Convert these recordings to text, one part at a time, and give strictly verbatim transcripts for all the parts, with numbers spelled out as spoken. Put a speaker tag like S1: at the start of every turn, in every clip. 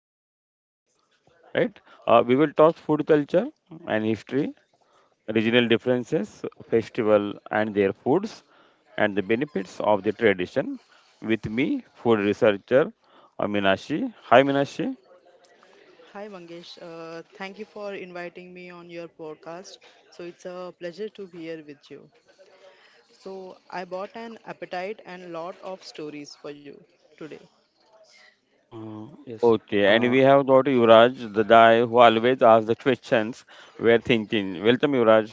S1: Western Maharashtra. Right? Uh, we will talk food culture and history, regional differences, festival and their foods, and the benefits of the tradition. With me, food researcher uh, Minashi. Hi, Minashi.
S2: Hi Mangesh, uh, thank you for inviting me on your podcast. So it's a pleasure to be here with you. So I bought an appetite and lot of stories for you today.
S3: Uh, yes.
S1: Okay, and
S3: Uh,
S1: we have got Yuvraj, the guy who always asks the questions we're thinking. Welcome, Yuvraj.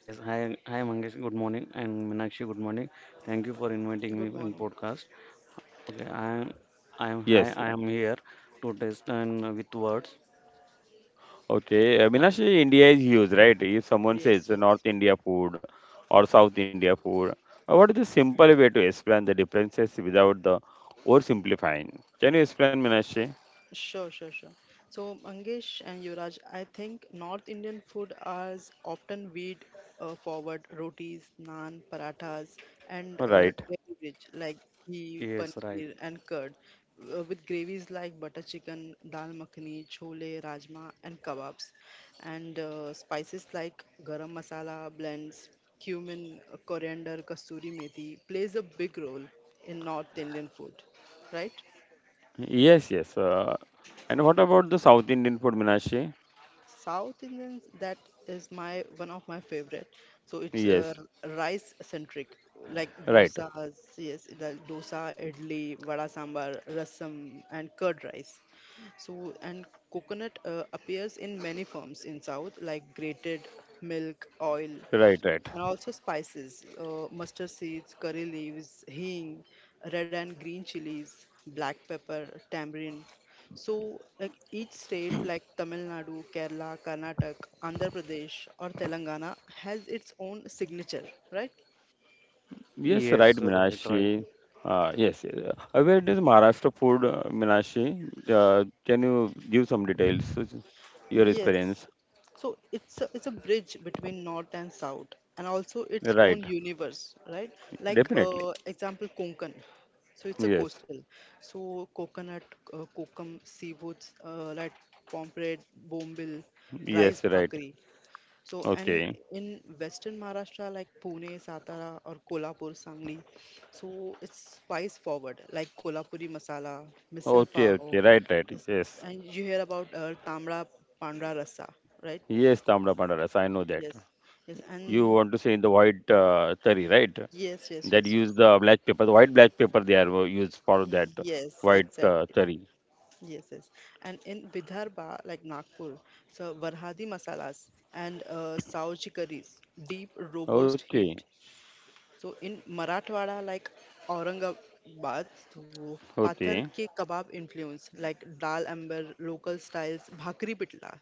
S3: yes. Hi, hi, Mangesh. Good morning, and Meenakshi. Good morning. Thank you for inviting me
S2: Good
S3: in
S2: morning.
S3: podcast. Okay, I am. I am. Hi,
S1: Yes.
S3: I am here to test and uh, with words.
S1: Okay, uh, Minashi, India is huge, right? If someone says
S2: Yes,
S1: the North
S2: yes.
S1: India food or South India food, uh, what is the simple way to explain the differences without the oversimplifying? Can you explain, Minashi?
S2: Sure, sure, sure. So, Mangesh and Yuvraj, I think North Indian food is often weed uh, forward rotis, naan, parathas, and uh,
S1: Right.
S2: dairy rich like ghee,
S3: Yes, right.
S2: paneer, and curd, uh, with gravies like butter chicken, dal makhani, chole, rajma, and kebabs, and uh, spices like garam masala blends, cumin, coriander, kasuri methi plays a big role in North Indian food, right?
S1: Yes, yes. Uh, and what about the South Indian food, Minashi?
S2: South Indian that is my one of my favorite. So it's uh,
S1: Yes,
S2: rice centric, like
S1: right,
S2: dosas, yes, the dosa, idli, vada sambar, rasam, and curd rice. So and coconut uh, appears in many forms in South, like grated milk, oil,
S1: right, right.
S2: and also spices uh, mustard seeds, curry leaves, hing, red and green chilies, black pepper, tamarind. So like each state, like Tamil Nadu, Kerala, Karnataka, Andhra Pradesh, or Telangana, has its own signature, right?
S1: Yes, right,
S3: Yes, right, right.
S1: Minashi. Uh, yes, yes. Uh, where does Maharashtra food, uh, Minashi? Uh, can you give some details? uh, Your
S2: Yes.
S1: experience?
S2: So it's a, it's a bridge between north and south, and also its own
S1: Right,
S2: universe, right? Like
S1: definitely.
S2: uh, example Konkan. So it's a
S1: Yes,
S2: coastal. So coconut, uh, kokum, seafoods uh, like pomfret, bombil, rice
S1: yes, right.
S2: bhakri. So, and
S1: Okay,
S2: in Western Maharashtra, like Pune, Satara, or Kolhapur, Sangli, so it's spice forward, like Kolhapuri masala, misal
S1: okay,
S2: pav,
S1: okay. Right, right.
S2: yes,
S1: Yes,
S2: and you hear about uh, Tamra Pandra Rasa, right?
S1: yes, Tamda Pandaras. I know that.
S2: Yes, yes,
S1: You
S2: and
S1: want to say the white uh, curry, right?
S2: yes, yes,
S1: That
S2: yes,
S1: use the black paper, the white black paper they are uh, used for that
S2: yes,
S1: white uh,
S2: exactly.
S1: cherry.
S2: Yes, yes. And in Vidarbha, like Nagpur, so Varhadi masalas and uh, Sauji curries, deep, robust
S1: Okay,
S2: heat. So in Marathwada, like Aurangabad, so Pathar
S1: okay.
S2: ke kebab influence, like dal amber, local styles, bhakri pitla.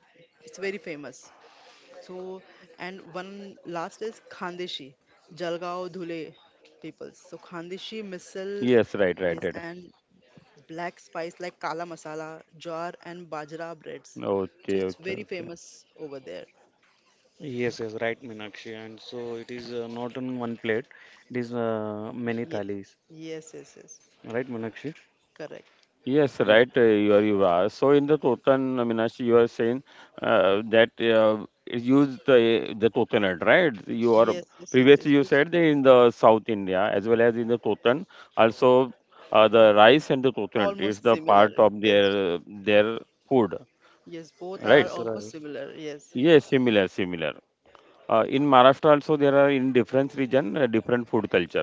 S2: It's very famous. So and one last is Khandeshi, Jalgaon Dhule people. So Khandeshi
S1: Yes,
S2: misal,
S1: right, right, right.
S2: yes, and black spice like kala masala, jar and bajra breads.
S1: Okay,
S2: So it's
S1: okay,
S2: very
S1: okay.
S2: famous over there.
S3: Yes, yes, right, Meenakshi. And so it is uh, not on one plate. It is uh, many
S2: Yes,
S3: thalis.
S2: yes, yes, yes.
S3: Right, Meenakshi?
S2: Correct.
S1: Yes,
S3: Ye-
S1: right. uh, You are, you are. So in the totan, uh, Meenakshi, you are saying uh, that uh, use the the totan, right? You are
S2: Yes, yes, yes,
S1: previously
S2: yes.
S1: you said that in the South India as well as in the totan, also uh, the rice and the totan
S2: Almost
S1: is the
S2: similar.
S1: part of
S2: Yes.
S1: their their food,
S2: Yes, both are
S1: right?
S3: Yes,
S2: almost
S3: right.
S2: similar. Yes.
S1: Yes, similar, similar. Uh, in Maharashtra also there are in different region uh, different food culture.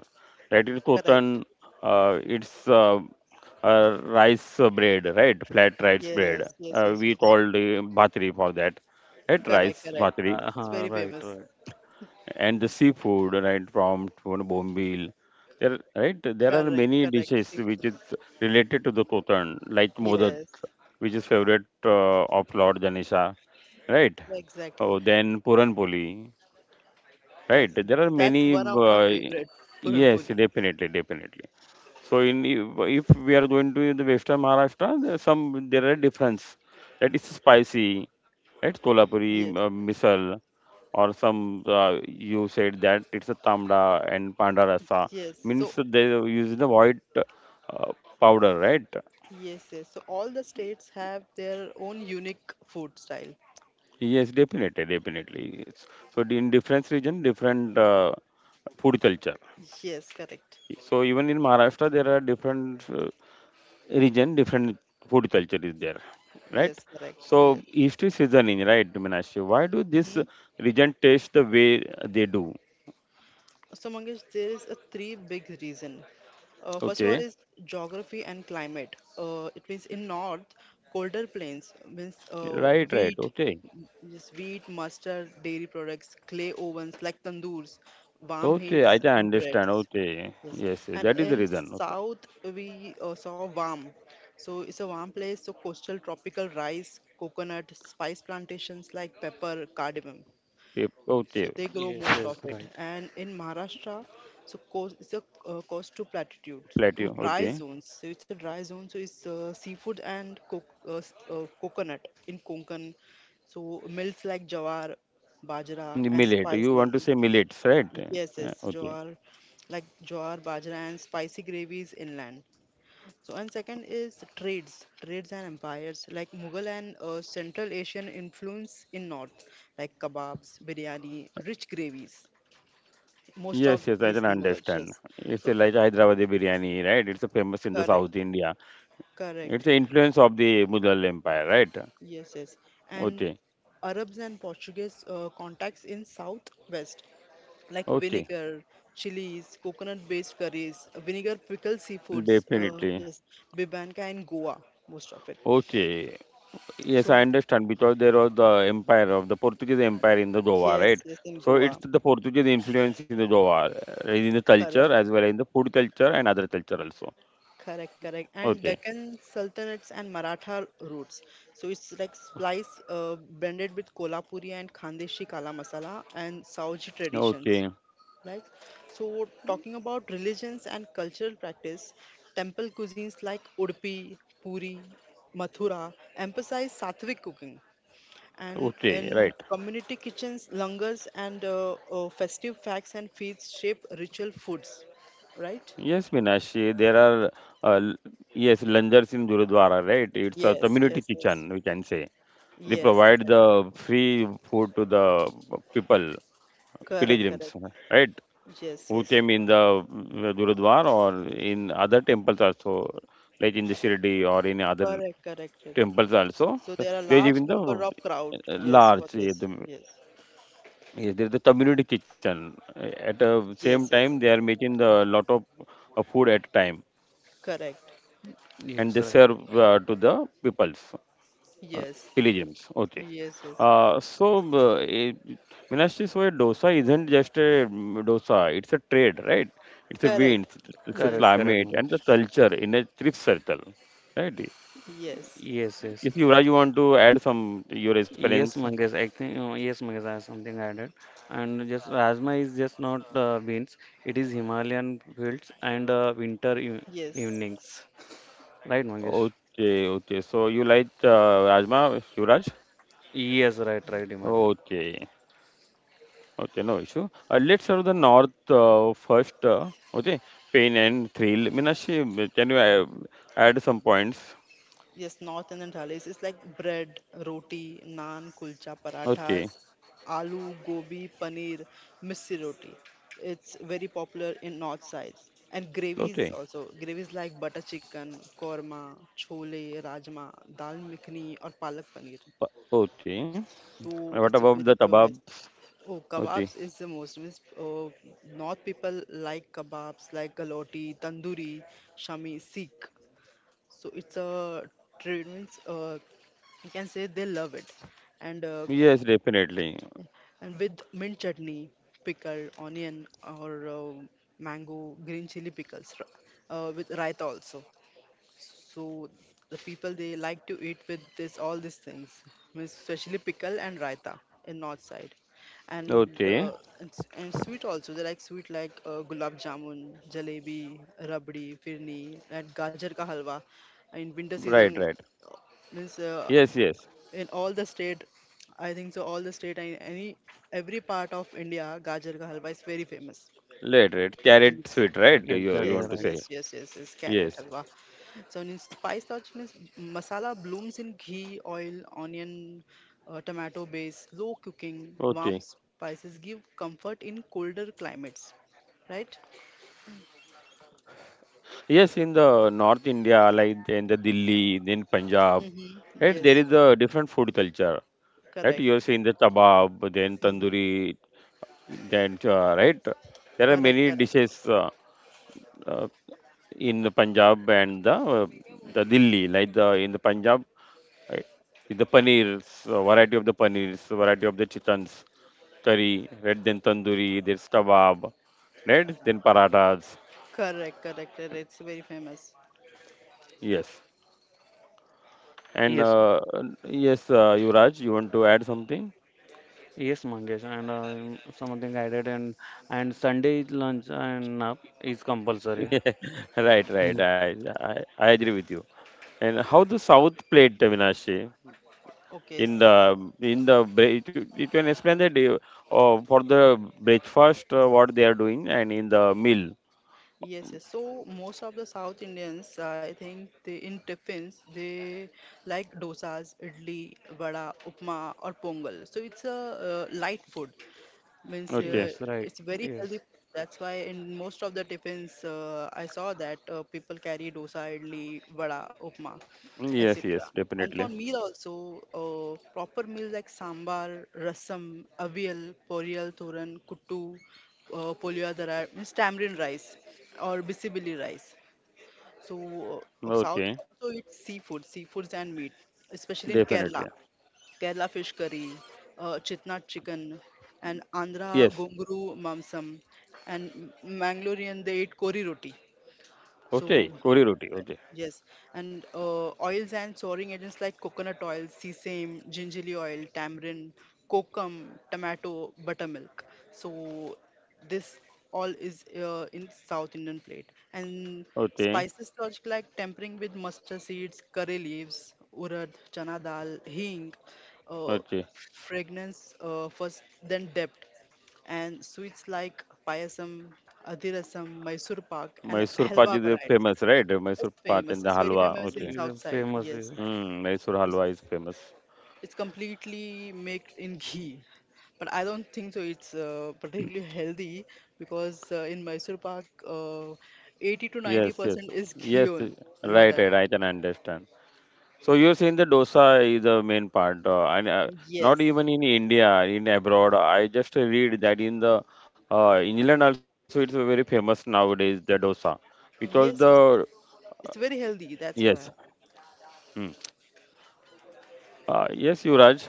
S1: Right, it's
S2: Correct.
S1: Kotan. Uh, it's uh, uh, rice uh, bread, right? Flat rice
S2: Yes,
S1: bread.
S2: yes,
S1: Uh,
S2: yes,
S1: we
S2: yes.
S1: called uh, bhatri for that, right?
S2: Correct,
S1: Rice
S2: correct.
S1: bhatri
S3: Yeah,
S2: It's
S3: uh,
S2: very
S3: right,
S2: famous.
S3: right.
S1: and the seafood, right? From from bombil. There, right? There are
S2: Correct,
S1: many
S2: correct.
S1: dishes
S2: Seafood.
S1: which is related to the Kotan, like modak,
S2: Yes,
S1: which is favorite uh, of Lord Ganesha, right?
S2: exactly.
S1: Oh, then Puran Poli.
S2: Yes,
S1: Right. There are
S2: that's
S1: many.
S2: one of my
S1: Uh,
S2: favorite Puran
S1: yes,
S2: Puli.
S1: definitely, definitely. So in if if we are going to the Western Maharashtra, there are some there are difference. That is spicy, right? Kolhapuri, uh,
S2: Yes,
S1: misal, or some uh, you said that it's a tamda and panda rasa
S2: yes. So,
S1: means they use the white uh, powder, right?
S2: yes, yes. So all the states have their own unique food style.
S1: Yes, definitely, definitely. It's, so in different region, different uh, food culture.
S2: Yes, correct.
S1: So even in Maharashtra, there are different uh, region, different food culture is there, right?
S2: Yes, correct.
S1: So
S2: Yes.
S1: history seasoning, right, Meenakshi? Why do this
S2: Mm-hmm.
S1: region taste the way they do?
S2: So Mangesh, there is a three big reason. Uh, first of all
S1: Okay,
S2: is geography and climate. Uh, it means in north, colder plains means uh,
S1: right, right,
S2: wheat,
S1: okay,
S2: just wheat, mustard, dairy products, clay ovens like tandoors, warm
S1: okay. I
S2: heats
S1: can
S2: and
S1: understand.
S2: breads.
S1: Okay,
S2: Yes.
S1: yes, yes,
S2: And
S1: that is the
S2: in
S1: reason. Okay,
S2: south we uh, saw warm. So it's a warm place. So coastal tropical rice, coconut, spice plantations like pepper, cardamom,
S1: yep,
S2: so
S1: okay,
S2: they grow
S3: Yes,
S2: most of
S3: yes,
S2: it.
S3: right.
S2: And in Maharashtra, so coast it's a uh, coast to platitude to
S1: plateau.
S2: dry
S1: Okay,
S2: zones, so it's a dry zone. So it's uh, seafood and co- uh, s- uh, coconut in Konkan, so mills like jawar, bajra, and
S1: millet. You want to
S2: spicy.
S1: say millets, right?
S2: Yes,
S1: Uh,
S2: yes,
S1: Okay.
S2: jawar, like jawar, bajra, and spicy gravies inland. So, and second is trades, trades and empires like Mughal and uh, Central Asian influence in North, like kebabs, biryani, rich gravies. Most
S1: Yes,
S2: of
S1: yes, I
S2: these
S1: can
S2: in Mughal,
S1: understand.
S2: yes.
S1: It's
S2: So,
S1: a, like Hyderabad biryani, right? It's a famous in the
S2: correct,
S1: South India.
S2: correct,
S1: It's the influence of the Mughal Empire, right?
S2: yes, yes. And
S1: Okay,
S2: Arabs and Portuguese uh, contacts in Southwest, like
S1: okay,
S2: vinegar, chilies, coconut-based curries, vinegar pickled seafoods. Uh,
S1: definitely.
S2: yes, bibanka in Goa, most of it.
S1: Okay, yes, I
S2: So,
S1: understand because there was the empire of the Portuguese Empire in the Goa,
S2: yes,
S1: right?
S2: yes, in
S1: So it's
S2: Goa,
S1: the Portuguese influence in the Goa, uh, in the culture
S2: correct.
S1: as well in the food culture and other culture also.
S2: Correct, correct. And
S1: Okay,
S2: Deccan Sultanates and Maratha roots. So it's like spice uh, blended with Kolhapuri and Khandeshi Kala Masala and Saoji traditions.
S1: okay,
S2: Like so, talking about religions and cultural practice, temple cuisines like Udupi, Puri, Mathura emphasize sattvic cooking. And
S1: okay,
S2: in
S1: right.
S2: community kitchens, langars and uh, uh, festive facts and feasts shape ritual foods, right?
S1: Yes, Minashi, there are uh, l- yes, langars in Gurudwara, right? It's a
S2: Yes,
S1: community
S2: yes, yes.
S1: kitchen, we can say. They
S2: Yes,
S1: provide
S2: exactly.
S1: the free food to the people,
S2: Correct, correct.
S1: pilgrims, right?
S2: Yes,
S1: Who
S2: yes.
S1: came in the uh, Gurudwar or in other temples also, like in the Shirdi or in other
S2: Correct, correct, correct.
S1: temples also.
S2: So there are
S1: They give
S2: large
S1: in the
S2: number
S1: uh,
S2: of crowd. Yes, for
S1: large, uh,
S2: this.
S1: the,
S2: Yes,
S1: yes, there is the community kitchen. At the
S2: yes,
S1: same
S2: yes.
S1: time, they are making the lot of uh, food at a time
S2: Correct.
S3: Yes,
S1: and they
S3: right.
S1: serve uh, to the peoples. Uh,
S2: Yes,
S1: Pilgrims. Okay.
S2: yes, yes.
S1: Uh, so, uh, eh, Meenakshi, so a dosa isn't just a mm, dosa, it's a trade, right? It's a
S2: Correct.
S1: wind, it's a
S2: Yes,
S3: Correct, correct,
S1: climate, and the
S3: Mangesh.
S1: culture in a trip circle, right?
S2: yes,
S3: Yes, yes.
S1: If you, Yuvraj, you want to add some your
S3: Yes,
S1: experience?
S3: Mangesh, I think uh, yes, Mangesh, I have something added. And just Rajma is just not uh, beans; it is Himalayan fields and uh, winter e
S2: yes.
S3: evenings, right, Mangesh?
S1: Okay, okay. So, you like uh, Rajma, Yuvraj?
S3: Yes, right, right, Himalayan.
S1: Okay, okay, no issue. Uh, let's start with the north uh, first. Uh, okay, pain and thrill. Meenakshi, can you uh, add some points?
S2: Yes, North Indian thalis is like bread, roti, naan, kulcha,
S1: Okay.
S2: parathas, aloo, gobi, paneer, missi roti. It's very popular in north sides. And gravies
S1: Okay.
S2: also. Gravies like butter chicken, korma, chole, rajma, dal makhani or palak paneer.
S1: Pa- Okay.
S2: So
S1: What
S2: it's a
S1: about the
S2: very famous.
S1: kebabs?
S2: Oh,
S1: Okay.
S2: kebabs is the most. Means, uh, north people like kebabs like galoti, tandoori, shami, Sikh. So it's a trade means uh, you can say they love it, and uh,
S1: Yes, definitely.
S2: and with mint chutney, pickle onion, or uh, mango green chili pickles, r- uh, with raita also. So the people they like to eat with this, all these things, means especially pickle and raita in north side. And
S1: Okay.
S2: uh, and, s- and sweet also they like sweet like uh, gulab jamun, jalebi, rabdi firni, and gajar ka halwa in winter season,
S1: Right, right.
S2: means uh,
S1: Yes, yes.
S2: in all the state, I think so all the state and any every part of India gajar ka halwa is very famous.
S1: Right, right.
S2: And
S1: Carrot
S2: it's-
S1: sweet, right?
S3: Yeah,
S1: You, you
S3: exactly
S2: yes,
S1: want to
S3: right.
S2: yes,
S1: say.
S2: yes, yes, yes, carrot
S1: Yes.
S2: halwa. So in spice lodge means masala blooms in ghee oil, onion, uh, tomato base low cooking. Warm
S1: Okay.
S2: spices give comfort in colder climates, right?
S1: Yes, in the North India, like in the Delhi, then Punjab,
S2: Mm-hmm.
S1: right? There
S2: Yes,
S1: is a different food culture, right?
S2: correct.
S1: You're saying the kebab, then
S2: Mm-hmm.
S1: tandoori, then, uh, right? There are
S2: Correct,
S1: many
S2: correct,
S1: dishes. Uh, uh, in the Punjab and the uh, the Delhi, like the in the Punjab, uh, the paneers, uh, variety of the paneers, variety of the chickens, curry, red then tandoori, there's kebab, right? Then parathas,
S2: correct, correct, correct. It's very famous.
S1: yes. And
S3: Yes,
S1: uh, uh, yes, uh, Yuvraj, you want to add something?
S3: yes, Mangesh, and uh, something added, and and Sunday lunch and nap is compulsory.
S1: Right,
S3: Hmm.
S1: right. I, I I agree with you. And how the South played Vinashe?
S2: Okay.
S1: in the in the bre- it, you can explain that uh, uh, for the breakfast uh, what they are doing and in the meal.
S2: Yes, yes. So most of the South Indians, uh, I think, they in tiffins they like dosas, idli, vada, upma, or pongal. So it's a uh, light food, means uh,
S1: Okay,
S3: Yes, right.
S2: it's very healthy.
S3: Yes,
S2: That's why in most of the tiffins uh, I saw that uh, people carry dosa, idli, vada, upma, etc.
S1: yes, yes,
S2: And for
S1: definitely.
S2: meal also, uh, proper meal like sambar, rasam, avial, poriyal, thoran, kuttu, uh, polya dara means tamarind rice or bisibili rice. So uh, south
S1: Okay,
S2: also eats seafood, seafoods and meat, especially in Kerala.
S1: definitely.
S2: Kerala fish curry, uh, Chitnad chicken, and Andhra
S1: Yes.
S2: gonguru mamsam, and M- Mangalorean they eat kori roti.
S1: Okay,
S2: So
S1: kori roti, okay,
S2: yes, and uh, oils and soaring agents like coconut oil, sesame, gingerly oil, tamarind, kokum, tomato, buttermilk. So this all is uh, in South Indian plate. And
S1: okay,
S2: spices such like tempering with mustard seeds, curry leaves, urad, chana dal, hing, uh,
S1: okay.
S2: fragrance uh, first, then depth, and sweets like payasam, adhirasam, Mysore pak, and
S1: Mysore pak
S2: halwa
S1: is uh,
S2: varieties.
S1: famous, right?
S2: It's
S1: Mysore pak and
S2: famous.
S1: the
S2: It's very
S1: halwa.
S2: famous in
S1: Okay.
S3: is
S2: south
S3: a
S2: side.
S3: famous.
S2: Yes,
S3: Yes.
S1: Hmm. Mysore
S2: it's
S1: halwa is famous.
S2: it's completely made in ghee, but I don't think so. It's uh, particularly healthy because uh, in Mysore Pak, uh, eighty to 90
S1: Yes, yes,
S2: percent is ghee
S1: yes,
S2: only. You know
S1: right,
S2: that?
S1: right, I can understand. So you're saying the dosa is the main part, uh, and uh, not
S2: Yes,
S1: even in India, in abroad. I just read that in the uh, England also it's very famous nowadays the dosa, because
S2: yes.
S1: the
S2: It's, it's very healthy. That's why.
S1: yes. Hmm. Uh, yes, Yuraj.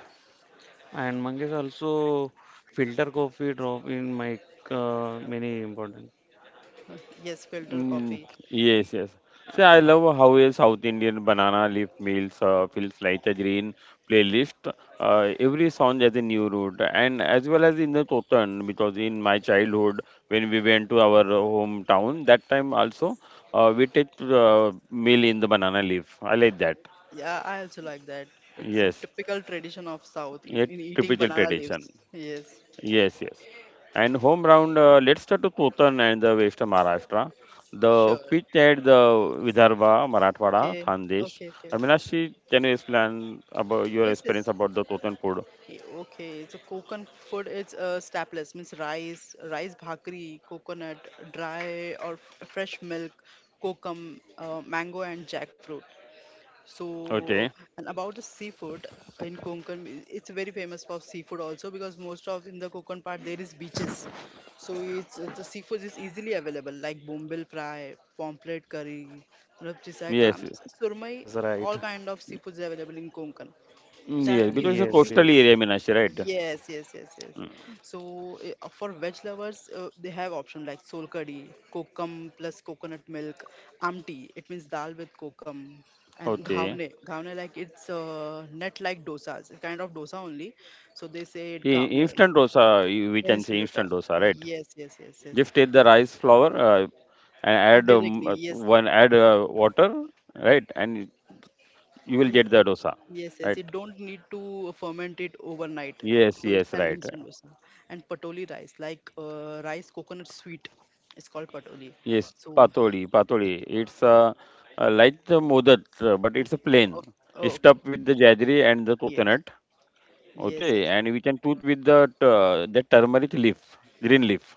S3: And Mangesh also filter coffee drop in my uh, many important.
S2: Yes, filter
S1: Mm,
S2: coffee.
S1: yes, yes. See, I love how a South Indian banana leaf meals uh, feels like a green playlist. Uh, every song has a new route, and as well as in the Kotan, because in my childhood, when we went to our hometown, that time also uh, we take uh, meal in the banana leaf. I like that.
S2: Yeah, I also like that. It's a
S1: Yes,
S2: typical tradition of South eat,
S1: a
S2: in eating
S1: typical
S2: banana
S1: tradition.
S2: leaves. Yes,
S1: Yes, yes. And home ground, uh, let's start to Kotan and the West Maharashtra. The
S2: sure.
S1: pitch at the Vidarbha, Marathwada,
S2: Okay,
S1: Thandesh.
S2: okay, okay.
S1: Aminashi, can you explain about your
S2: Yes,
S1: experience
S2: yes.
S1: about the Kotan food?
S2: Yeah, okay, so coconut food is uh, staples, means rice, rice bhakri, coconut, dry or f- fresh milk, kokum, uh, mango and jackfruit. So,
S1: Okay.
S2: and about the seafood in Konkan, i- it's very famous for seafood also because most of in the Konkan part there is beaches. So it's uh, the seafood is easily available like bombil fry, pomfret curry, rupchisa
S1: Yes.
S2: clams, surmai,
S3: Yes, right.
S2: all kind of seafoods are available in Konkan.
S1: Mm,
S2: So
S1: Yes, because
S2: if
S1: it's a
S2: if
S3: Yes,
S2: you.
S1: coastal
S3: yes.
S1: area, Minashi, right?
S2: Yes, yes, yes, yes. So eh, uh, for veg lovers, uh, they have option like sol curry, kokum plus coconut milk, amti. It means dal with kokum, and
S1: Okay.
S2: ghavne. Ghavne like it's uh, net like dosas, a kind of dosa only. So they say it
S1: I-
S2: ghavne,
S1: Instant dosa, you- we can say
S2: instant dota.
S1: instant dosa, right?
S2: Yes, yes, yes, yes.
S1: Just take the rice flour uh, and
S2: And
S1: add um,
S2: directly,
S1: uh, one, add uh, water, right? And you will
S2: yes.
S1: get the dosa,
S2: Yes, yes,
S1: right?
S2: it don't need to ferment it overnight.
S1: Yes,
S2: So it's
S1: yes,
S2: an
S1: right.
S2: instant dosa. And patoli rice, like uh, rice coconut sweet, it's called patoli.
S1: Yes,
S2: So,
S1: patoli, patoli. It's
S2: uh,
S1: a a light uh, like the modat, uh, but
S2: mm,
S1: it's a
S2: oh,
S1: plain.
S2: oh,
S1: It's
S2: okay,
S1: stuffed with the jaggery and the
S2: yes,
S1: coconut.
S2: yes,
S1: Okay,
S2: yes,
S1: and we can put with the uh, the turmeric leaf, green leaf.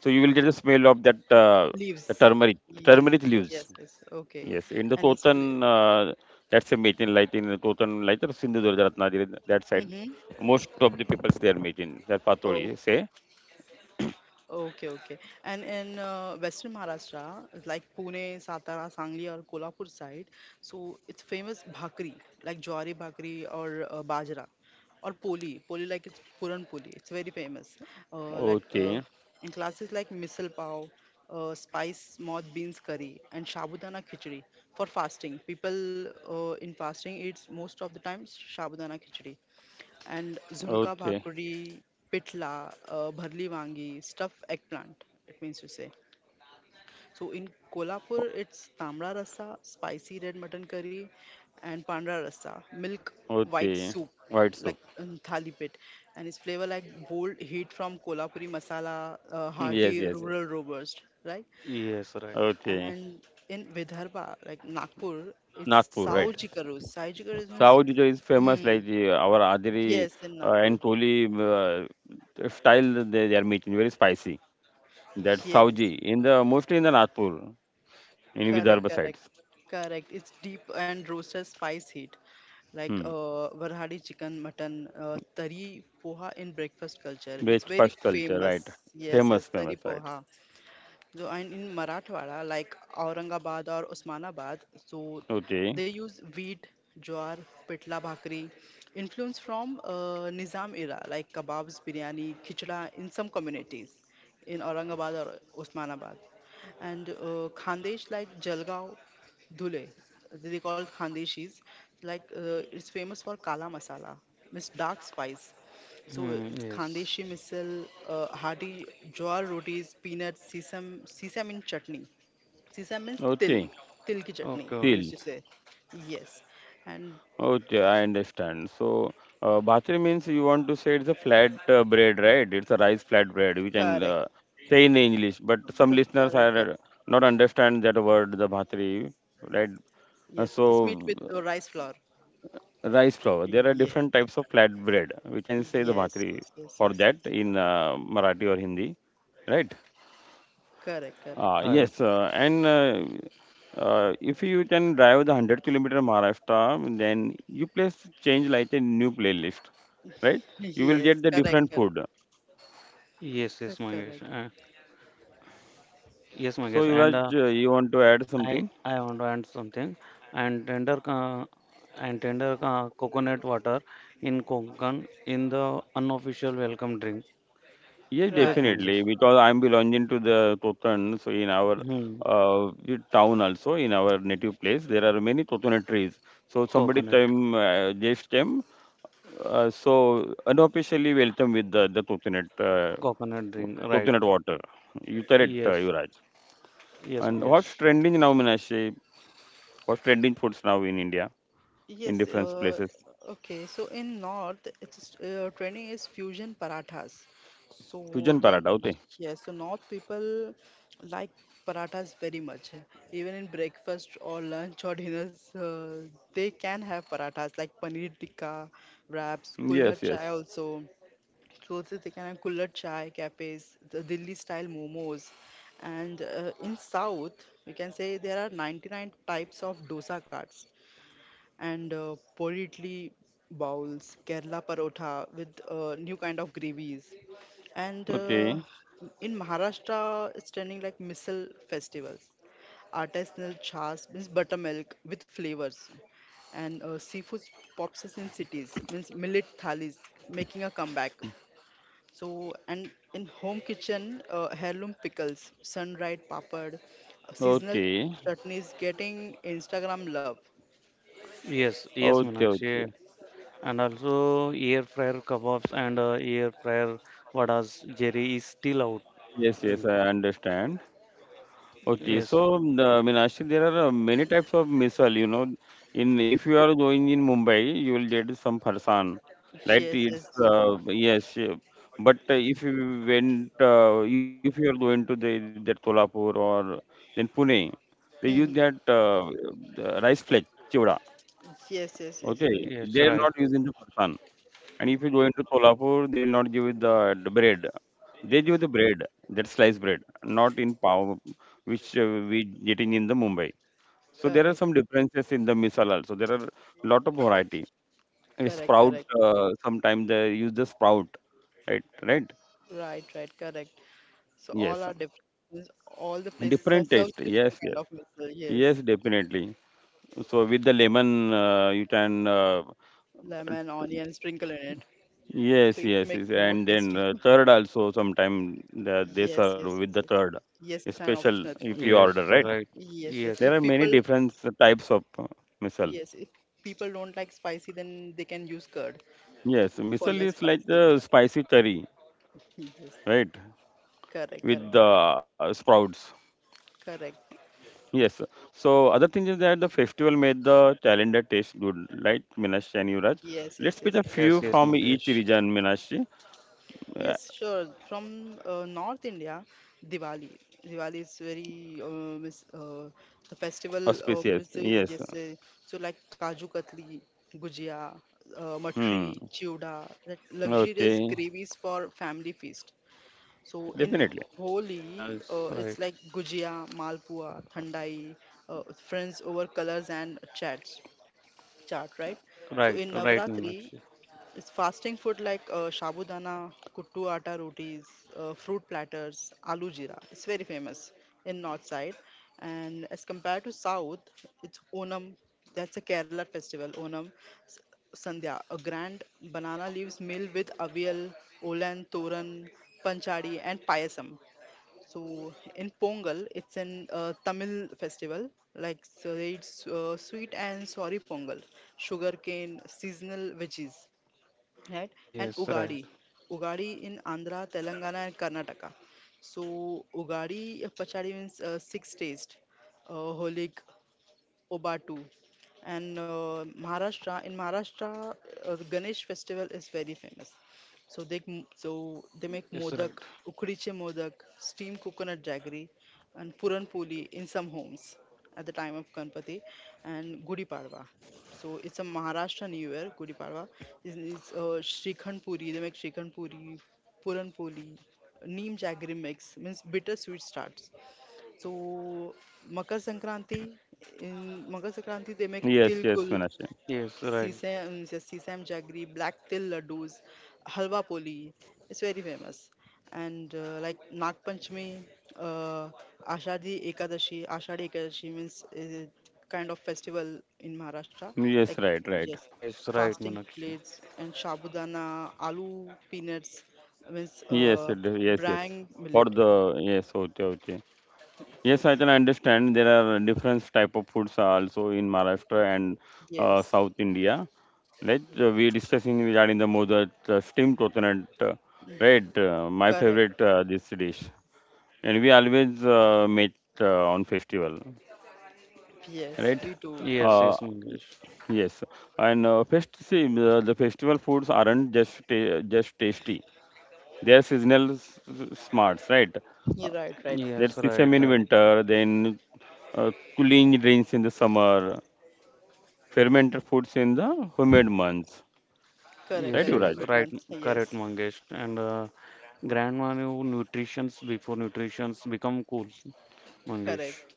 S1: So you will get the smell of that uh, the
S2: Leaves,
S1: turmeric,
S2: Ye-
S1: turmeric
S2: leaves,
S1: leaves.
S2: yes, yes, okay.
S1: Yes, in the
S2: And it's,
S1: cotton, uh, that's a making light in the cotton light or Sindhudurga Ratnagiri that side.
S2: mm-hmm.
S1: Most of the people they are making that
S2: Oh,
S1: patoli. Say,
S2: okay, okay. And in uh, Western Maharashtra, like Pune, Satara, Sangli, or Kolhapur side, so it's famous bhakri, like jawari bhakri or uh, bajra, or poli. Poli, like it's puran poli. It's very famous. Uh, like uh,
S1: okay,
S2: in classes like misal pav, uh, spice moth beans curry, and shabudana khichdi for fasting. People uh, in fasting eats most of the time shabudana khichdi and zunka
S1: okay.
S2: Bhakri, pitla, uh, Bharli Wangi, stuffed eggplant, it means to say. So in Kolhapur, it's Tamra Rasa, spicy red mutton curry, and Pandra Rasa, milk white
S1: Okay,
S2: soup,
S1: white soup.
S2: like um, thali pit. And it's flavor like bold heat from Kolhapuri masala, uh,
S1: Yes,
S2: hearty
S1: yes, yes.
S2: rural robust, right?
S3: Yes, right.
S1: Okay,
S2: And in Vidarbha, like Nagpur, it's
S1: Nagpur,
S2: Sao
S1: right.
S2: Jikarus. Sao Jikarus means,
S1: South India is famous like
S2: mm,
S1: uh, our Adiri
S2: yes, in
S1: uh,
S2: Nagpur.
S1: and Koli uh, style they, they are making, very spicy. That's
S2: Yes.
S1: Sauji, in the mostly in the Nagpur, in
S2: Correct,
S1: Vidarbha sides.
S2: correct, correct. It's deep and roasted spice heat, like
S1: Hmm.
S2: uh, Varhadi chicken, mutton, uh, tari poha in breakfast culture. It's very
S1: Breakfast culture,
S2: famous.
S1: right.
S2: Yes, yes,
S1: Famous,
S2: tari
S1: famous, right.
S2: poha. So, and in Marathwada, like Aurangabad or Osmanabad, so they
S1: Okay,
S2: use wheat, jowar, pitla bhakri, influence from uh, Nizam era, like kebabs, biryani, khichda in some communities in Aurangabad or Osmanabad. And uh, Khandesh like Jalgaon Dhule, they call it Khandeshis, like uh, it's famous for Kala Masala, means dark spice. So
S3: Hmm,
S2: it's
S3: yes.
S2: Khandeshi misal, uh, hearty jowar rotis, peanuts, sesame, sesame in chutney. Sesame means til,
S1: okay.
S2: til ki chutney,
S3: Okay,
S2: you used
S1: Til.
S2: to say. Yes, and
S1: Okay, I understand. So, uh, bhatri means you want to say it's a flat uh, bread, right? It's a rice flat bread. We can
S2: correct,
S1: uh, say in English, but some
S2: co- correct,
S1: listeners
S2: correct.
S1: are not understand that word, the bhatri, right? Uh,
S2: Yes, it's made
S1: So,
S2: with the rice flour.
S1: uh, rice flour. There are
S2: Yeah,
S1: different types of flat bread. We can say the
S2: yes,
S1: bhatri
S2: yes, yes,
S1: for
S2: yes,
S1: that
S2: yes.
S1: in uh, Marathi or Hindi, right?
S2: Correct,
S1: Uh,
S2: correct.
S3: correct.
S1: yes, uh, and uh, uh, if you can drive the one hundred kilometer Maharashtra, then you place change like a new playlist, right? You will get
S2: Yes,
S1: the
S2: correct,
S1: different
S2: correct.
S1: food.
S3: Yes,
S2: Cor-
S3: yes, Mangesh.
S2: Correct.
S3: Uh, yes,
S1: So,
S3: Mangesh. And uh,
S1: Yuvraj, uh, you want to add
S3: I,
S1: something?
S3: I want to add something. And tender, uh, and tender uh, coconut water in Konkan in the unofficial welcome drink.
S1: Yes,
S3: Yes,
S2: Right.
S1: definitely,
S3: Mangesh.
S1: because I'm belonging to the Totan, so in our
S3: Hmm.
S1: uh, the town also, in our native place, there are many Totana trees. So, somebody
S3: Coconut,
S1: time uh, just them, uh, so unofficially welcome with the, the Totonet
S3: coconut drink. Right.
S1: coconut water. You correct, uh,
S3: Yes.
S1: Yuvraj.
S3: Yes,
S1: And what's
S3: Mangesh.
S1: trending now, Minashi? What's trending foods now in India, in
S2: Yes.
S1: different
S2: Uh,
S1: places?
S2: okay. So in North, it's uh, trending is fusion parathas. So
S1: Fusion
S2: the
S1: paratha, okay.
S2: yes, the North people like parathas very much. Even in breakfast or lunch or dinners, uh, they can have parathas like paneer tikka, wraps, kulhad
S1: Yes,
S2: chai
S1: yes.
S2: also. So it's the kind of kullar chai cafes, the Delhi style momos, and uh, in South we can say there are ninety-nine types of dosa carts and uh, puri idli bowls, Kerala parotha with uh, new kind of gravies, and uh,
S1: Okay,
S2: in Maharashtra it's trending like missile festivals, artisanal chas means buttermilk with flavors, and uh, seafood pops in cities means millet thalis making a comeback. So, and in home kitchen, uh, heirloom pickles, sun-dried papad, uh, seasonal
S1: okay,
S2: chutneys getting Instagram love.
S3: Yes, yes,
S1: okay, okay.
S3: Manakshi. And also, air fryer kebabs and uh, air fryer vadas jerry is still out.
S1: Yes, yes,
S3: Mm.
S1: I understand. Okay,
S3: Yes,
S1: so um, the, I there are uh, many types of misal. You know, in if you are going in Mumbai, you will get some farsan. Like,
S2: Yes, yes.
S1: it's uh, yes, yeah. But uh, if you went, uh, if you are going to the that Tolapur or then Pune, they use that
S2: Mhm.
S1: uh, uh, rice flake chivda.
S2: Yes, yes, yes,
S1: Okay,
S2: yes.
S3: yes,
S1: they're not
S3: right.
S1: using the farsan. And
S2: Mm.
S1: if you go into Kolhapur, they will not give you the, the bread. They give the bread, that sliced bread, not in pav, which uh, we getting in the Mumbai. So there are
S2: Correct,
S1: some differences in the misal also. There are lot of variety. A
S2: correct,
S1: sprout,
S2: correct.
S1: uh, sometimes they use the sprout, right? Right?
S2: Right, right, correct. So all
S1: Yes.
S2: are different. All the places have
S1: Different
S2: serves
S1: taste.
S2: different
S1: Yes,
S2: kind
S1: yes.
S2: of missile. Yes,
S1: Yes, definitely. So with the lemon, uh, you can uh,
S2: lemon, onion, sprinkle in it, so
S1: yes,
S2: it
S1: yes,
S2: makes
S1: yes.
S2: more
S1: And then
S2: tasty.
S1: uh, third also sometime the, they serve
S2: Yes,
S1: with
S2: yes,
S1: the
S2: yes, yes.
S1: third,
S2: Yes, it's an
S1: special
S2: optional.
S1: if you
S3: Yes,
S1: order, right?
S3: right.
S2: Yes, yes.
S3: Yes,
S1: There
S2: If
S1: are many
S2: people
S1: different types of uh, misal.
S2: Yes, if people don't like spicy, then they can use curd
S1: Yes,
S2: for
S1: misal
S2: less
S1: is like
S2: spicy.
S1: the spicy curry,
S2: Yes,
S1: right?
S2: correct, correct,
S1: With the sprouts.
S2: correct.
S1: Yes. So other thing is that the festival made the calendar taste good, like Minashi and Yuvraj.
S2: Yes, yes,
S1: Let's pick
S2: yes,
S1: a
S3: yes,
S1: few
S3: yes,
S2: correct.
S1: from each
S3: Mangesh.
S1: region, Minashi. Uh,
S2: Yes, sure. From uh, North India, Diwali. Diwali is very um, is, uh, the festival of
S1: Auspicious. Yes.
S2: just uh, so like Kaju Katli, Gujia, uh,
S1: Hmm.
S2: Matri, Chiuda, that luxurious
S1: Okay.
S2: gravies for family feast. So in
S1: Definitely.
S2: Holi,
S3: Yes,
S2: uh, it's
S3: right.
S2: like gujia, malpua, thandai, uh, friends over colors and chats, chat, right? So
S3: Right,
S2: in
S3: right,
S2: Navratri,
S3: Manakshi.
S2: it's fasting food like uh, sabudana, kuttu atta rotis, uh, fruit platters, aloo jeera. It's very famous in north side. And as compared to south, it's Onam. That's a Kerala festival. Onam S- Sandhya, a grand banana leaves meal with avial, olan, toran, panchadi, and payasam. So in Pongal, it's an uh, Tamil festival. Like so it's uh, sweet and sorry Pongal, sugarcane, seasonal veggies, right? And
S3: Yes, right.
S2: Ugadi. Ugadi in Andhra, Telangana, and Karnataka. So Ugadi uh, Pachadi means uh, six taste. Uh, holig, Obatu. And uh, Maharashtra, in Maharashtra, uh, the Ganesh festival is very famous. So they m- so they make
S3: Yes, right.
S2: modak, ukdiche modak, steamed coconut jaggery, and puran poli in some homes at the time of Ganpati, and Gudi Padwa. So it's a Maharashtra New Year, Gudi Padwa. This is uh, Shrikhand Puri. They make Shrikhand Puri, Puran Poli, Neem Jaggery mix means bitter sweet starts. So Makar Sankranti, in Makar Sankranti they make
S1: Yes,
S2: til gul,
S1: yes, Meenakshi.
S3: Yes, right.
S2: sesam, sesam jaggery, black til laddus, halwa poli. It's very famous. And uh, like Nag Panchami, uh, Ashadhi Ekadashi. Ashadhi Ekadashi means uh, kind of festival in Maharashtra. Like
S1: Yes, right, right.
S2: yes,
S3: Yes, right,
S2: fasting
S3: Manakshi.
S2: plates and shabudana, aloo peanuts means
S1: Yes,
S2: uh,
S1: it- yes, yes.
S2: brang
S1: For
S2: millet.
S1: the yes, okay, okay. Yes, I can understand. There are different type of foods are also in Maharashtra and uh,
S2: Yes,
S1: South India. Like uh, we discussing regarding the modak, uh, steamed coconut, uh,
S2: yes.
S1: right? Uh, my
S2: Correct.
S1: favorite uh, this dish, and we always uh, meet uh, on festival,
S2: Yes,
S1: right?
S2: we do.
S3: Yes,
S1: Uh,
S3: yes, Mangesh.
S1: yes, and uh, fest see the, the festival foods aren't just ta- just tasty. They are seasonal s- s- smarts, right? Uh,
S2: You're right, right.
S1: there's
S3: Yes, right.
S1: sesame in
S3: Right.
S1: winter, then uh, cooling drinks in the summer, fermented foods in the humid months,
S2: Correct,
S1: right,
S3: Yes,
S2: correct.
S3: yes,
S2: Humid
S1: Yuvraj?
S3: right,
S2: months.
S3: correct,
S2: Yes.
S3: Mangesh. And uh, grandma knew nutritions before nutritions become cool,
S2: Correct.
S3: Mangesh.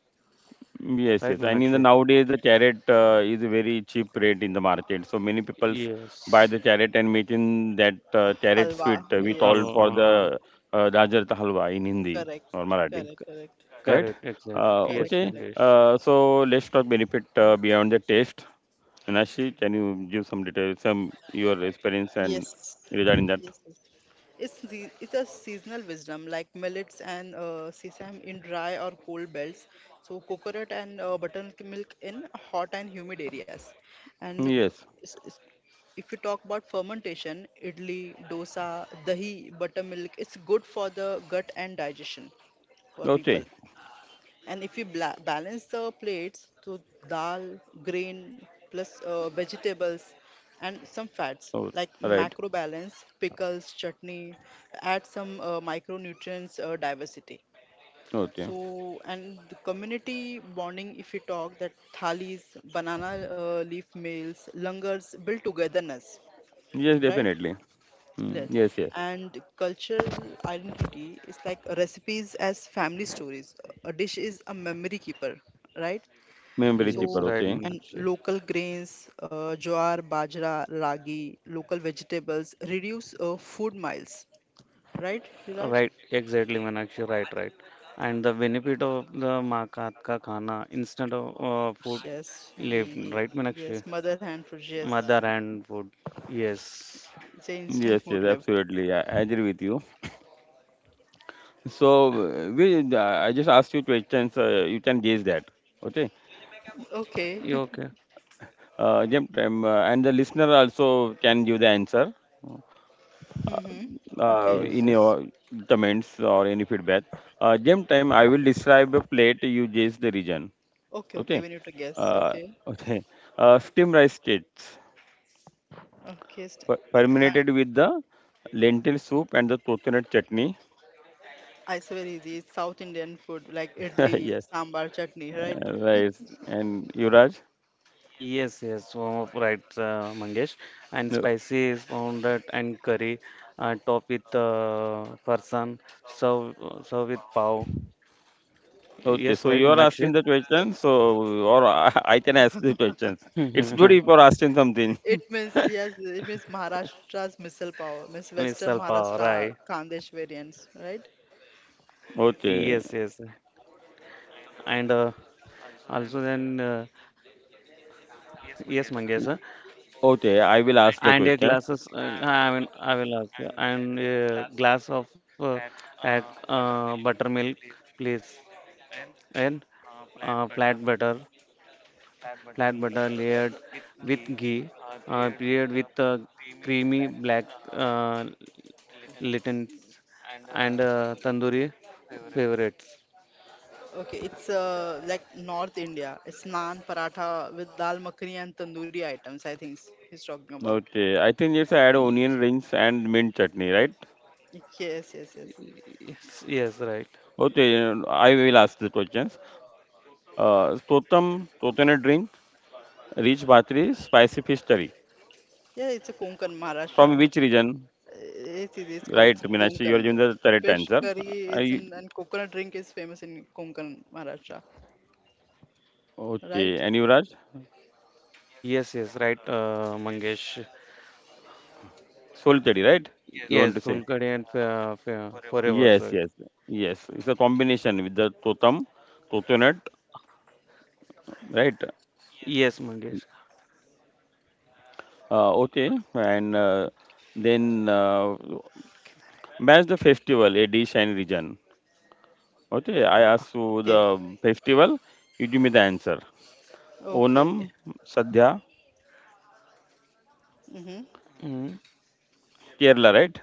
S1: Yes, yes.
S3: Right,
S1: And in the
S3: Meenakshi?
S1: nowadays, the carrot uh, is a very cheap rate in the market. So many people buy the
S3: Yes.
S1: carrot and making that uh, carrot
S2: Halwa.
S1: sweet, uh, we
S2: Yes.
S1: call for the
S3: Uh,
S1: uh, Gajar ka halwa in Hindi
S2: Correct.
S1: or Marathi,
S2: Correct, correct.
S1: right?
S3: correct, exactly.
S1: Uh,
S2: Correct,
S3: Yes,
S1: okay.
S2: correct.
S3: Mangesh.
S1: Uh, so let's talk benefit uh, beyond the taste. Minashi, can you give some details, some your experience and
S2: Yes.
S1: regarding that?
S2: Yes. Yes. It's the it's a seasonal wisdom like millets and uh, sesame in dry or cold belts. So coconut and uh, buttermilk in hot and humid areas. And
S1: Yes.
S2: s- s- if you talk about fermentation, idli, dosa, dahi, buttermilk, it's good for the gut and digestion for people.
S1: Okay.
S2: And if you bla- balance the plates to dal, grain, plus uh, vegetables and some fats
S1: Oh,
S2: like
S1: right.
S2: macro balance, pickles, chutney, add some uh, micronutrients uh, diversity.
S1: Okay.
S2: So, and the community bonding, if you talk that thalis, banana uh, leaf meals, langars build togetherness,
S1: Yes,
S2: right?
S1: definitely. Mm,
S2: Yes.
S1: yes, yes.
S2: And cultural identity is like recipes as family stories. A dish is a memory keeper, right?
S1: Memory cheaper. Okay.
S3: Yes,
S2: So,
S3: right,
S2: and
S3: Meenakshi.
S2: local grains, uh, jowar, bajra, ragi, local vegetables reduce uh, food miles, right, Yuraj?
S3: Right, exactly, Meenakshi. Right, right. And the benefit of the maa ka hath ka khana instead of uh, food
S2: Yes,
S3: left,
S2: ye-
S3: right, Meenakshi?
S2: yes, mother hand food, yes.
S3: Mother and food. Yes.
S2: It's an instant
S1: Yes,
S2: food
S1: yes.
S2: lift.
S1: Absolutely. I, I agree with you. So uh, we, uh, I just asked you questions. Uh, you can guess that. Okay.
S2: Okay.
S3: You okay?
S1: Uh, Jim, um, uh, and the listener also can give the answer
S2: Mm-hmm.
S3: Yes,
S1: uh,
S2: Okay.
S3: yes.
S1: in your comments or any feedback. Uh, gem time, I will describe a plate. You guess the region.
S2: Okay,
S1: Okay.
S2: okay, we need to guess.
S1: uh,
S2: Okay.
S1: okay. Uh, steam rice cakes
S2: Okay. St-
S1: per-
S2: uh,
S1: permeated with the lentil soup and the coconut chutney.
S2: I swear easy. It's South Indian food like idli,
S1: Yes,
S2: sambar, chutney, right?
S1: uh, right. And Yuvraj?
S3: Yes, yes, oh, right, uh, Mangesh. And
S1: No.
S3: spicy spoon that and curry, uh, top with uh, farsan, serve serve with pav.
S1: Okay,
S3: Yes,
S1: so
S3: right,
S1: you are asking
S3: Meenakshi.
S1: the
S2: So.
S1: question, so or i I can ask the questions. It's good if you're asking something.
S2: It means yes, it means Maharashtra's missile power, means Western
S3: Misal pav,
S2: Maharashtra
S3: right?
S2: Khandesh variants, right?
S3: Yes,
S1: Okay.
S3: yes. And uh, also then, uh, yes, Mangesh. Uh,
S1: Okay, I will ask the
S3: And a
S1: questions.
S3: glasses. Uh, I mean, I will ask. uh, And a glass of uh, that, uh, buttermilk, please. And uh, flat butter. flat butter layered with ghee, uh, paired with uh, creamy black uh, lentils and uh, tandoori favorites.
S2: Okay, it's uh, like North India. It's naan, paratha with dal makhani and tandoori items. I think he's talking about.
S1: Okay, I think it's add onion rings and mint chutney, right?
S2: Yes, yes, yes.
S3: Yes, yes, right.
S1: Okay, I will ask the questions. uh Totem coconut drink. Rich Bhatri, spicy fish curry.
S2: Yeah, it's a Konkan
S1: From which
S2: Maharashtra.
S1: region?
S2: It is it's, Kon-
S1: Right,
S2: it's in
S1: Meenakshi, you are
S2: Konkan.
S1: giving the correct
S2: Fish
S1: answer.
S2: curry
S1: Are
S2: is
S1: you-
S2: in and coconut drink is famous in Konkan Maharashtra,
S1: okay,
S2: right?
S1: and Yuvraj?
S3: Yes, yes, right, uh, Mangesh.
S1: Solteri, right? You want to
S3: Yes,
S1: say?
S3: Kulkarni and fa- fa- forever,
S1: Yes,
S3: sir.
S1: yes, yes. It's a combination with the totem, totonut, right?
S3: Yes, Mangesh.
S1: Uh, okay, and uh, then uh, match the festival, a dish and region. Okay, I asked you
S2: Okay,
S1: the festival, you give me the answer.
S2: okay.
S1: Onam, Sadhya,
S2: Mm-hmm.
S3: Mm.
S1: Kerala, right?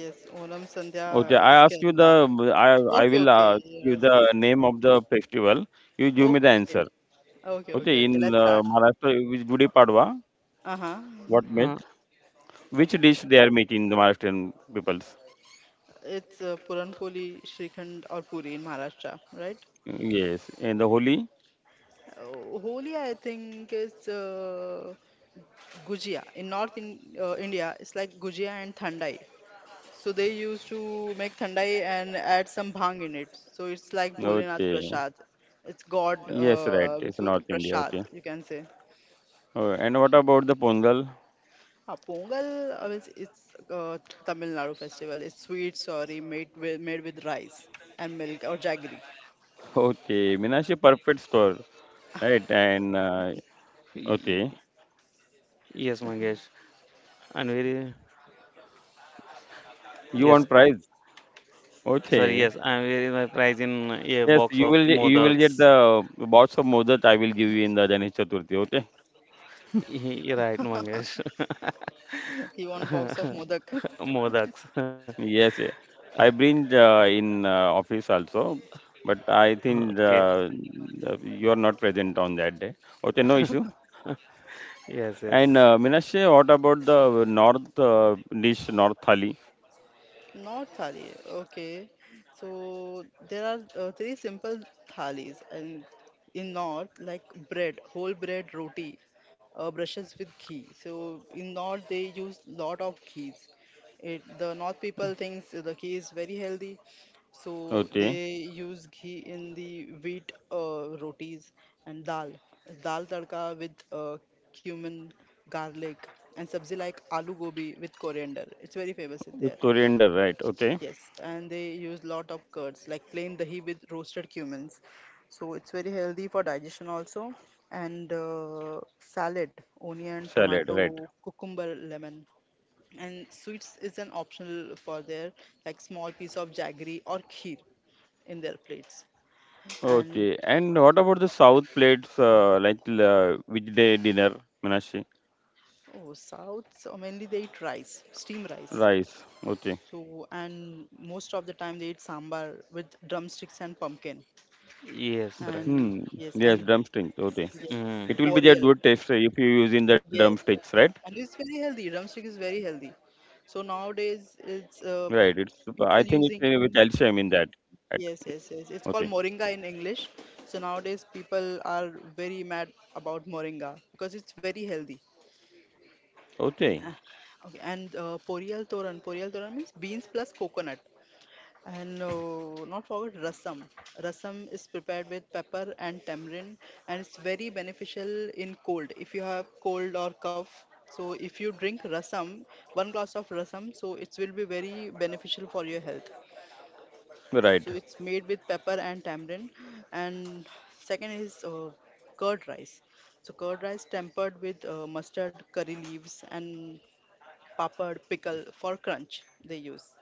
S2: Yes, Olam
S1: Okay,
S2: Sandhya
S1: I
S2: is
S1: ask you the
S2: Kerala.
S1: I I
S2: Okay,
S1: will uh,
S2: okay.
S1: give
S2: Yes.
S1: the name of the festival. You give me the
S2: Okay.
S1: answer.
S2: Okay, okay,
S1: Okay, in
S2: okay. Let's
S1: uh,
S2: start.
S1: Maharashtra, which Gudi Padwa,
S2: Uh-huh.
S1: what meat?
S3: Uh,
S1: Which dish they are making the Maharashtrian peoples?
S2: It's uh, Puranpoli, Shrikhand or Puri in Maharashtra, right?
S1: Yes, and the Holi.
S2: Uh, Holi, I think, is uh, Gujia. In North in, uh, India, it's like Gujia and Thandai. So they used to make Thandai and add some bhang in it. So it's like Bholenath
S1: Okay,
S2: Prasad. It's God,
S1: yes, right.
S2: uh,
S1: It's
S2: बोलते
S1: North
S2: हैं,
S1: India.
S2: Prasad,
S1: Okay.
S2: you can say.
S1: Oh, and what about the Pongal?
S2: Ah, Pongal uh, is it's uh, Tamil Nadu festival. It's sweet sorry made with, made with rice and milk or jaggery.
S1: Okay, Meenakshi perfect store, right? And uh,
S3: y-
S1: okay,
S3: yes, Mangesh. And very
S1: you
S3: yes,
S1: want prize?
S3: sir.
S1: Okay,
S3: Yes, I'm very my prize in a
S1: yes,
S3: box
S1: you
S3: of
S1: will ge- you will get
S3: modaks.
S1: the box of Mozart I will give you in the Ganesh Chaturthi. Okay.
S3: Right, Mangesh.
S2: He won box of modak.
S3: Modaks.
S1: Yes, yeah. I bring uh, in uh, office also, but I think
S3: Okay.
S1: uh, uh, you are not present on that day. Okay, no issue.
S3: Yes,
S1: And
S3: yes.
S1: uh, Minashe, what about the north uh, dish, north thali?
S2: Not thali. Okay. So there are uh, three simple thalis and in north like bread, whole bread roti, uh, brushes with ghee. So in north they use lot of ghees. It the north people thinks the ghee is very healthy, so
S1: Okay,
S2: they use ghee in the wheat uh, rotis and dal, dal tadka with uh, cumin, garlic and sabzi like aloo gobi with coriander. It's very famous in
S1: with
S2: there.
S1: coriander, right? Okay,
S2: Yes, and they use lot of curds like plain dahi with roasted cumins. So it's very healthy for digestion also. And uh, salad, onion,
S1: salad,
S2: tomato,
S1: right?
S2: cucumber, lemon. And sweets is an optional for their like small piece of jaggery or kheer in their plates. And
S1: Okay, and what about the south plates, uh, like uh, which day dinner, Minashe?
S2: oh, South so mainly they eat rice, steam rice.
S1: Rice. Okay.
S2: So and most of the time they eat sambar with drumsticks and pumpkin.
S3: Yes, right.
S1: Hmm.
S2: And yes,
S1: Yes,
S2: and
S1: drumstick. Okay.
S2: yes,
S3: Mm.
S1: It will
S2: for
S1: be a
S2: real.
S1: good taste uh, if you use in the
S2: Yes, yes,
S1: drumsticks,
S2: yes.
S1: right?
S2: And it's very healthy. Drumstick is very healthy. So nowadays it's
S1: Right.
S2: uh,
S1: It's. I think
S2: people
S1: it's uh, with
S2: using in,
S1: calcium in that. Right.
S2: yes, yes, yes. It's
S1: Okay.
S2: called moringa in English. So nowadays people are very mad about moringa because it's very healthy.
S1: Okay.
S2: Yeah. Okay, and uh, poriyal toran. Poriyal toran means beans plus coconut. And uh, not forget rasam. Rasam is prepared with pepper and tamarind, and it's very beneficial in cold. If you have cold or cough, so if you drink rasam, one glass of rasam, so it will be very beneficial for your health. So
S1: Right.
S2: it's made with pepper and tamarind. And second is uh, curd rice. So curd rice tempered with uh, mustard, curry leaves, and papad pickle for crunch they use.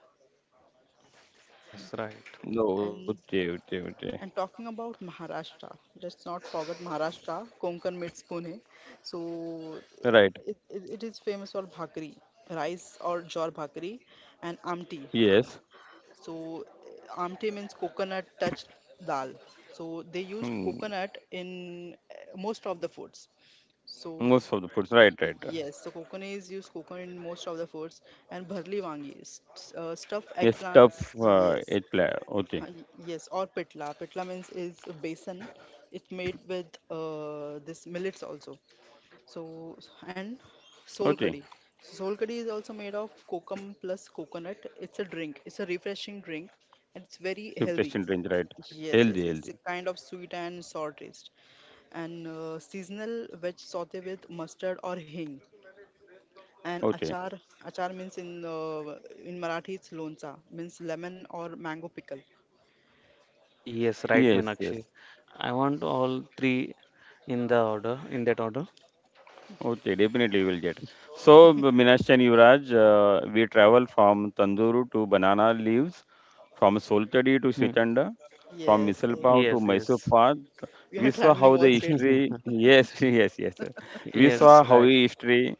S3: Yes, right.
S1: No.
S2: And
S1: Okay. Okay. Okay.
S2: And talking about Maharashtra, let's not forget Maharashtra, Konkan meets Pune. So
S1: Right.
S2: it, it, it is famous for bhakri, rice or jor bhakri, and amti.
S1: Yes.
S2: So amti means coconut touch dal. So they used
S1: Hmm.
S2: coconut in uh, most of the foods. So
S1: Most of the foods. Right. Right.
S2: yes, so coconut is used coconut in most of the foods, and bharli wangi st- uh, stuffed
S1: Yes.
S2: eggplants.
S1: Tough. Uh,
S2: Yes,
S1: it play. Okay.
S2: Ha, y- Yes, or pitla. Pitla means is a besan. It's made with uh, this millets also. So and sol
S1: Okay.
S2: curry. Sol curry is also made of kokum plus coconut. It's a drink. It's a refreshing drink, and it's very healthy.
S1: Refreshing range. Right.
S2: Yes, yes,
S1: Healthy.
S2: yes. It's a
S1: Healthy.
S2: kind of sweet and sour taste. And uh, seasonal veg saute with mustard or hing. And
S1: Okay.
S2: achar, achar means in uh, in Marathi it's loncha, means lemon or mango pickle.
S3: Yes, right,
S1: Yes.
S3: Meenakshi.
S1: Yes.
S3: I want all three in the order, in that order.
S1: Okay, definitely you will get. So, Minash and Yuvraj, uh, we travel from tandoori to banana leaves, from soltadi to
S3: Hmm.
S1: srichanda, from
S2: Yes,
S1: misal
S2: yes.
S1: pav to
S3: Yes,
S1: Mysore
S3: yes.
S1: pav.
S2: We
S1: We
S2: are
S1: saw
S2: traveling
S1: how the
S2: all states,
S1: history, yes, yes, yes, yes. We saw
S3: Yes,
S1: how
S3: right.
S1: history,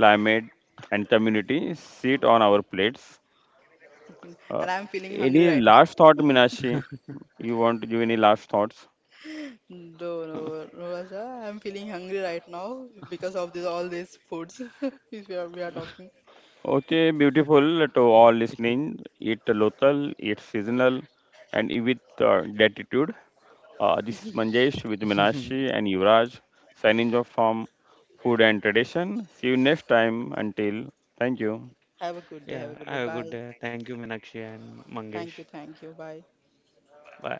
S1: climate, and community sit on our plates. Uh,
S2: and I am feeling hungry
S1: any
S2: right now.
S1: last thought, Minashi? You want to give any last thoughts?
S2: No, no, no, sir, I am feeling hungry right now because of this all these foods which we are we are talking.
S1: Okay, beautiful to all listening. It local, it's seasonal, and it with uh, gratitude. Uh, this is Manjesh with Minashi and Yuvraj signing off from Food and Tradition. See you next time. Until, thank you.
S2: Have a good day. Have
S3: Yeah,
S2: a good day.
S3: have a good
S2: Bye.
S3: day. Thank you, Meenakshi and Mangesh.
S2: Thank you. Thank you. Bye.
S3: Bye.